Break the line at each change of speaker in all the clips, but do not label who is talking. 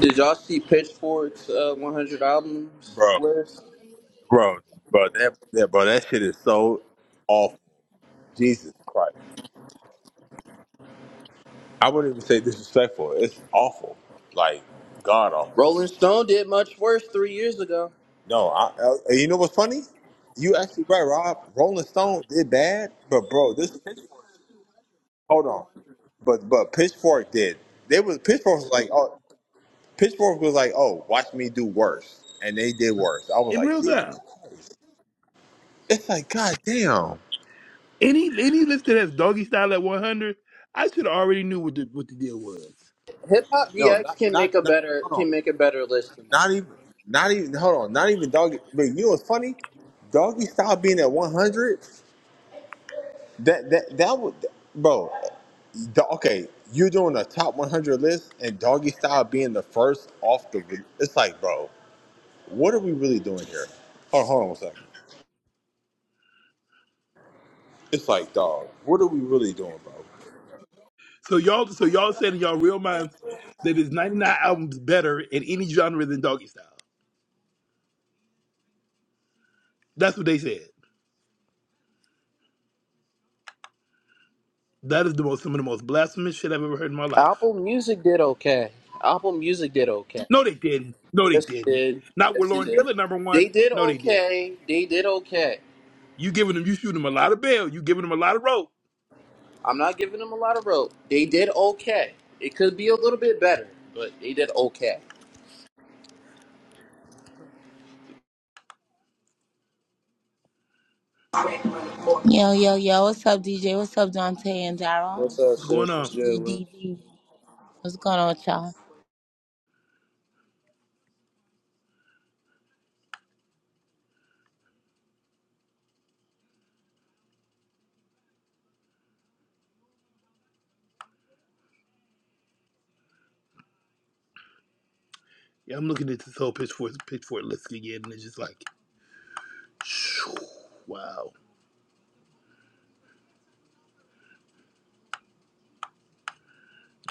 Did y'all see Pitchfork's uh, 100 albums
bro,
list?
bro, bro. That, that, bro. That shit is so awful. Jesus Christ. I wouldn't even say disrespectful. It's awful. Like god awful.
Rolling Stone did much worse three years ago.
No, I, I. and You know what's funny? You actually right, Rob. Rolling Stone did bad, but bro, this Pitchfork. Hold on, but but Pitchfork did. They was Pitchfork was like, oh, Pitchfork was like, oh, watch me do worse, and they did worse. I was
in
like,
real
Jesus.
time.
It's like, god damn.
Any any list that has doggy style at one hundred, I should have already knew what the what the deal was.
Hip Hop
No,
DX
not
can
not
make a
not.
better
Hold on.
can make a better list than that.
Not even, not even. Hold on, not even doggy. But you know what's funny? Doggy style being at one hundred. That that that would, bro. Do- okay, you're doing a top one hundred list, and doggy style being the first off the. re- It's like, bro, what are we really doing here? Hold on, hold on one second. It's like, dog, what are we really doing, bro?
So y'all so y'all said in y'all real minds that it's ninety nine albums better in any genre than doggy style. That's what they said. That is the most some of the most blasphemous shit I've ever heard in my life.
Apple Music did okay. Apple Music did okay.
No, they didn't. No, they
Yes, it
didn't.
did.
Not with
Yes, it
Lauren
did.
Hill at number
They
one.
did
No, they didn't.
okay. They did okay.
You giving them you shooting them a lot of bail. You giving them a lot of rope.
I'm not giving them a lot of rope. They did okay. It could be a little bit better, but they did okay.
Yo, yo, yo, what's up, DJ? What's up, Dante and Daryl?
What's up,
What's going
sis? What's
on?
good? Wait,
DDDD. What's going on with y'all?
Yeah, I'm looking at this whole pitchfork pitchfork list again, and it's just like, shoo, wow.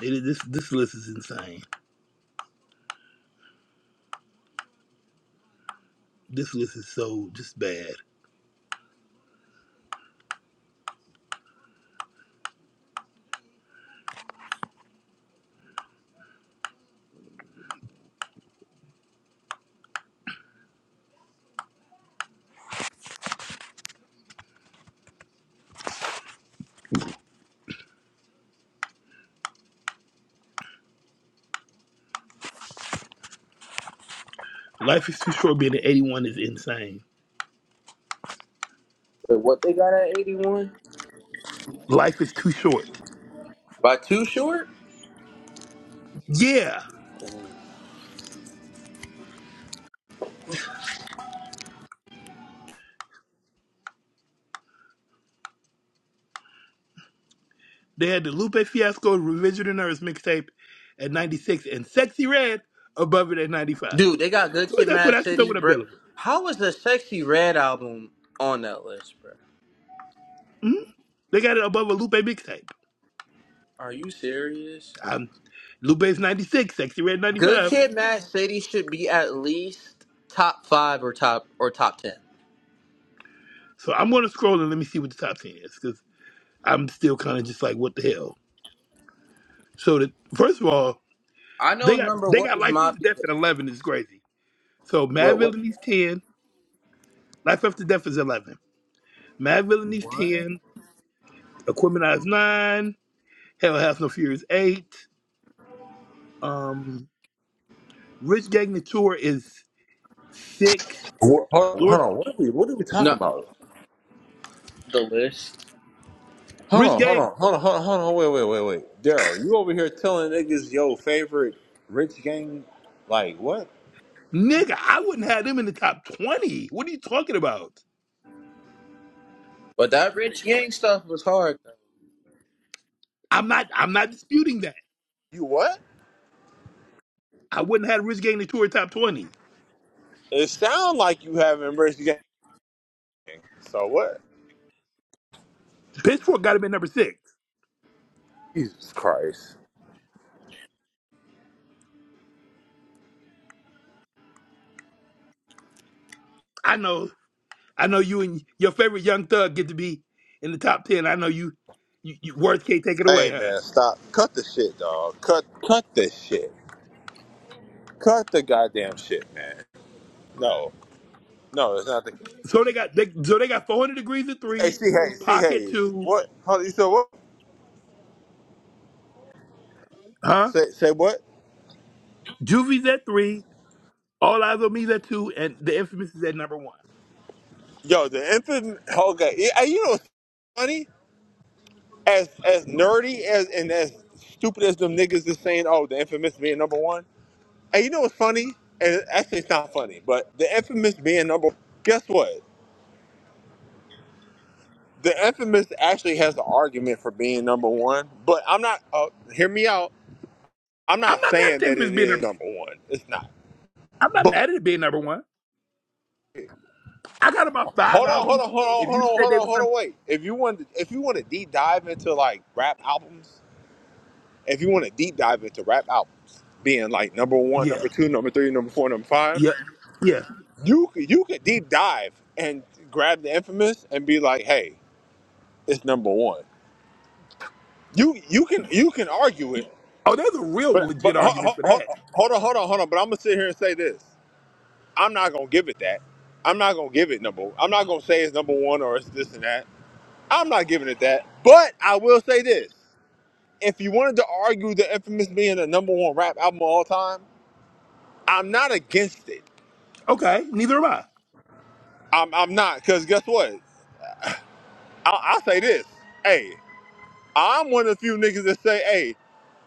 It, this this list is insane. This list is so just bad. Life is too short. Being at eighty one is insane.
What they got at 81?
Life is too short.
By too short?
Yeah, they had the Lupe Fiasco "Revenge of the Nerds" mixtape at ninety six, and Sexy Red above it at ninety five.
Dude, they got Good
So at
Kid,
that point,
Mad
I should know
City,
what I'm
bro.
dealing with.
how was the Sexy Red album on that list, bro?
Mhm. They got it above a Lupe mixtape.
Are you serious?
Um, Lupe's ninety six, Sexy Red ninety
Good
five.
Kid, Mad City should be at least top five or top or top ten.
So I'm gonna scroll and let me see what the top ten is because I'm still kind of just like, what the hell. So the first of all.
I
They
know
got
number
they
one
got
is
life
Mob
after
Deep.
death at eleven is crazy. So Mad
What? What?
Villainy's ten, life after death is eleven. Mad Villainy's
What?
ten, Equipment Eyes nine, Hell Has No Fear is eight. Um, Rich Gang the Tour is six.
What, hold, on, hold
Lord,
on, what are we? What are we talking
No,
about?
the list.
Hold
Rich
on, hold
Gang,
on, hold on, hold on, hold on. Wait, wait, wait, wait. Daryl, you over here telling niggas your favorite rich gang? Like what?
nigga, I wouldn't have them in the top twenty. What are you talking about?
But that Rich Gang stuff was hard. though.
I'm not I'm not disputing that.
You what?
I wouldn't have Rich Gang the Tour top twenty.
It sounds like you have embraced gang. So what?
Pitchfork got him at number six.
Jesus Christ.
I know I know you and your favorite Young Thug get to be in the top ten. I know you. You, you Worth can't take it away,
Hey
huh?
man, stop. Cut the shit, dog. Cut cut the shit. Cut the goddamn shit, man. No. No, it's not the
So they got they, so they got 400 degrees at
Hey
three,
C Hayes, C
pocket
Hayes.
two,
What? Hold on, you said what?
huh?
Say say what?
Juvie's at three, all eyes on me's at two, and the infamous is at number one.
Yo, the infant okay. Yeah, Hey, you know what's funny? As as nerdy as and as stupid as them niggas is saying, oh, the infamous being number one. Hey, you know what's funny? And actually, it's not funny, but the infamous being number. Guess what? The infamous actually has an argument for being number one, but I'm not. Uh, hear me out. I'm
I'm
not
not mad at
saying
the
that
infamous
it
being
is
number.
number one. It's not.
I'm not
But
mad at it being number one. I got about five
hold on, hold
albums.
on, hold on,
If
hold
you
on,
said
hold
they
on,
was
hold
number,
on. Wait. If you want, to, if you want to deep dive into like rap albums, if you want to deep dive into rap albums being like number one,
yeah,
number two, number three, number four, number five,
yeah, yeah.
you could you could deep dive and grab the infamous and be like, hey, it's number one You you can you can argue it,
Oh, there's a real
but but
legit
ho, ho,
argument for
ho,
that.
hold on hold on hold on. But I'm gonna sit here and say this. I'm not gonna give it that. I'm not gonna give it number. I'm not gonna say it's number one or it's this and that. I'm not giving it that. But I will say this. If you wanted to argue the infamous being the number one rap album of all time, I'm not against it.
Okay, neither am
I'm I'm not because guess what? I, I'll say this. Hey, I'm one of the few niggas that say, hey,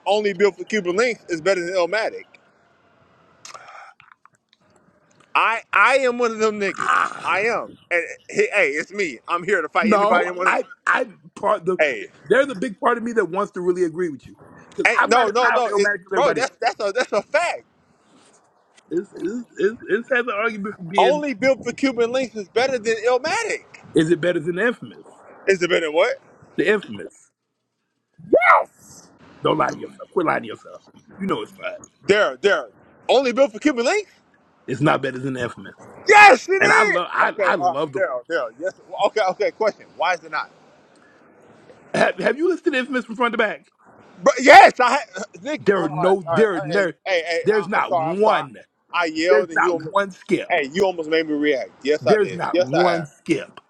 only Built for Cuban Links is better than Illmatic. I I am one of them niggas.
I.
I am. And hey, hey, it's me. I'm here to fight anybody.
No,
In one of,
I I'm part the
hey,
they're the big part of me that wants to really agree with you because
hey,
I'm
no,
not as
no,
high on
no, it,
Illmatic as
bro.
everybody else.
That's that's a that's a fact.
It's it's it's, it's has an argument for being
Only built for Cuban links is better than Illmatic.
is it better than Infamous?
Is it better than what?
The Infamous. Don't lie to yourself. Quit lying to yourself. You know it's not.
There, there. Only built for Cuban links?
It's not better than Infamous.
Yes, it
And I
is.
love I
Okay,
I
uh,
love the
there, there. Yes. Okay, okay. Question. Why is it not?
have, have you listened to Infamous from front to back?
But yes, I had. Nick,
There are
all right,
no
all right.
there are
all right, Hey,
no
hey, hey uh,
there's
I'm
not
sorry. I'm sorry.
one
I
there's
yelled and you
not
almost.
one skip.
Hey, you almost made me react. Yes, I
There's
did.
not
Yes, I
one
have.
skip.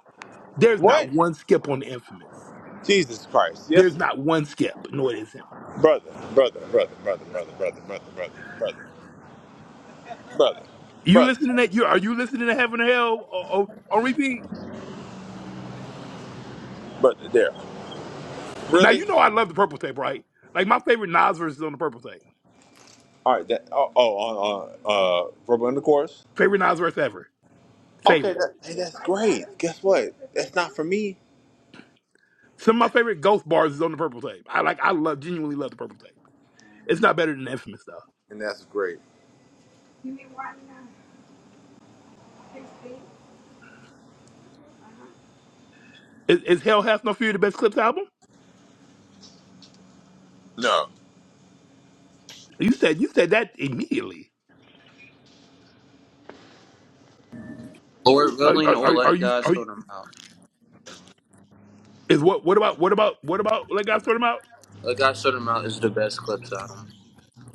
There's
What?
not one skip on Infamous.
Jesus Christ.
There's
Yes.
not one skip. No, it isn't.
Brother, brother, brother, brother, brother, brother, brother, brother, brother, brother,
You
brother,
listening to that? You are you listening to Heaven and Hell on, on repeat?
brother, there.
Now
Really?
you know I love the purple tape, right? Like my favorite Nas verse is on the purple tape.
All right. That, oh, oh, uh, uh, uh, verbal intercourse?
Favorite Nas verse ever.
Okay.
Favorite.
That, hey, that's great. Guess what? That's not for me.
Some of my favorite Ghost bars is on the purple tape. I like. I love. Genuinely love the purple tape. It's not better than the Infamous stuff.
And that's great.
Is, is Hell Hath No Fear the best Clips album?
No.
You said you said that immediately.
Lord
Are,
willing,
are,
or
are are
let
you
God
are you?
sort them out.
Is what what about what about what about Let God Sort Him Out?
Let God sort them out is the best clips out of 'em.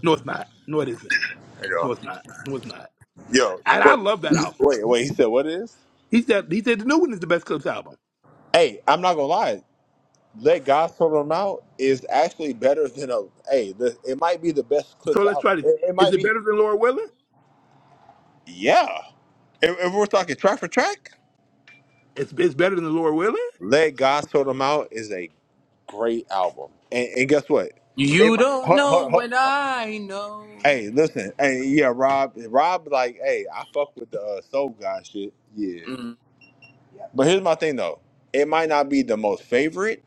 No, it's not. No, it isn't.
Hey, Yo,
No, it's not. No, it's not.
yo,
And I
wait,
love that album.
wait, wait. He said, what is?
He said he said the new one is the best Clips album.
Hey, I'm not gonna lie. Let God sort them out is actually better than a. Hey, the, it might be the best
So
clips
let's
out.
try this.
It, it
Is
might
it
be.
better than Laura Willing?
Yeah. If, if we're talking track for track,
It's it's better than Laura Willing.
"Let God Sort 'Em Out" is a great album. And, and guess what? It
You
might.
don't
Hold,
know
hold, hold.
when I know.
Hey, listen. Hey, yeah, Rob. Rob, like, hey, I fuck with the uh, Soul guy shit. Yeah. But here's my thing though. It might not be the most favorite.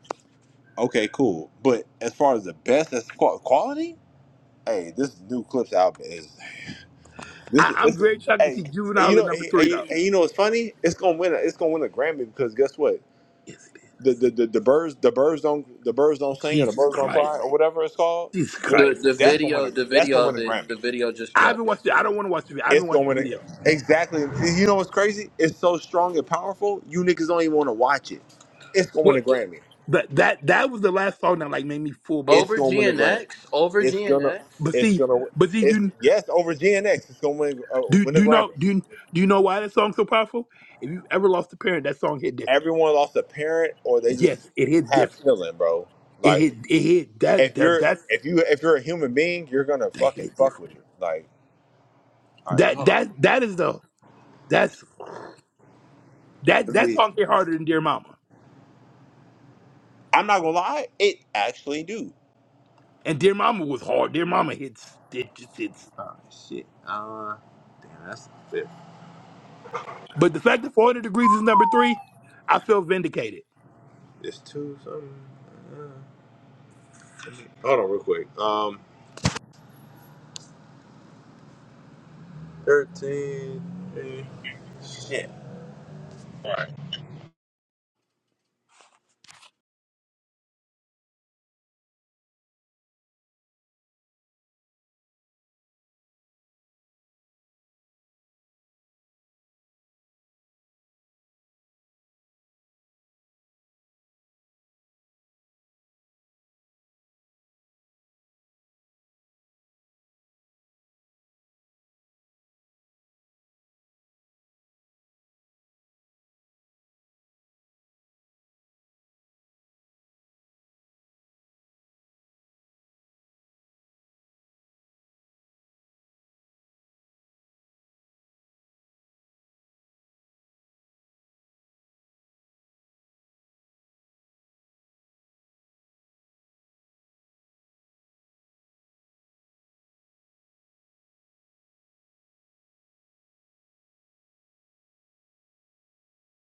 Okay, cool. But as far as the best, as qua- quality, hey, this new Clips album is this.
I,
Is,
I'm
it's,
very shocked to
hey,
see
and you
Juvenile at
know,
number
and,
three though.
and- you know, it's funny. It's gonna win. A, it's gonna win a Grammy because guess what?
Yes, it
the, the, the, the birds the birds don't the birds don't
is.
sing or the
Jesus
birds don't
Christ.
cry or whatever it's called.
Jesus
It,
The
Christ.
the
that's gonna win
video
a
the
that's gonna
video
win
of
a
it the
Grammy.
video just
I haven't
dropped
watched it. I
yesterday.
don't want to watch the video. I haven't
It's
watched
gonna
the
win a,
video.
exactly. You know what's crazy? It's so strong and powerful. You niggas don't even want to watch it. It's gonna win a
What?
Grammy.
But that that was the last song that like made me full blown.
It's
cry.
Over
gonna win a Grammy.
GNX? Over
It's gonna
GNX?
But
it's
see,
gonna
but see,
it's
do
yes over GNX. It's gonna win uh,
do
win a
do you know
Grammy.
do you- do you know why that song's so powerful? If you've ever lost a parent, that song hit different.
Everyone lost a parent or they
Yes,
just
it hits
have
different.
feeling, bro.
It hit
Like
it hit that
if
that
you're
that's
if you if you're a human being, you're gonna
that
fucking
hit
fuck
different.
with it. Like all right,
That
hold on.
that that is the that's that
I
that
mean,
song hit harder than Dear Mama.
I'm not gonna lie, it actually do.
And Dear Mama was hard. Dear Mama hits it just hits.
Oh shit. Uh, damn, that's the fifth.
But the fact that 400 degrees is number three, I feel vindicated.
It's two something. Uh, let me- hold on, real quick. Um, thirteen. eh, Shit. All right.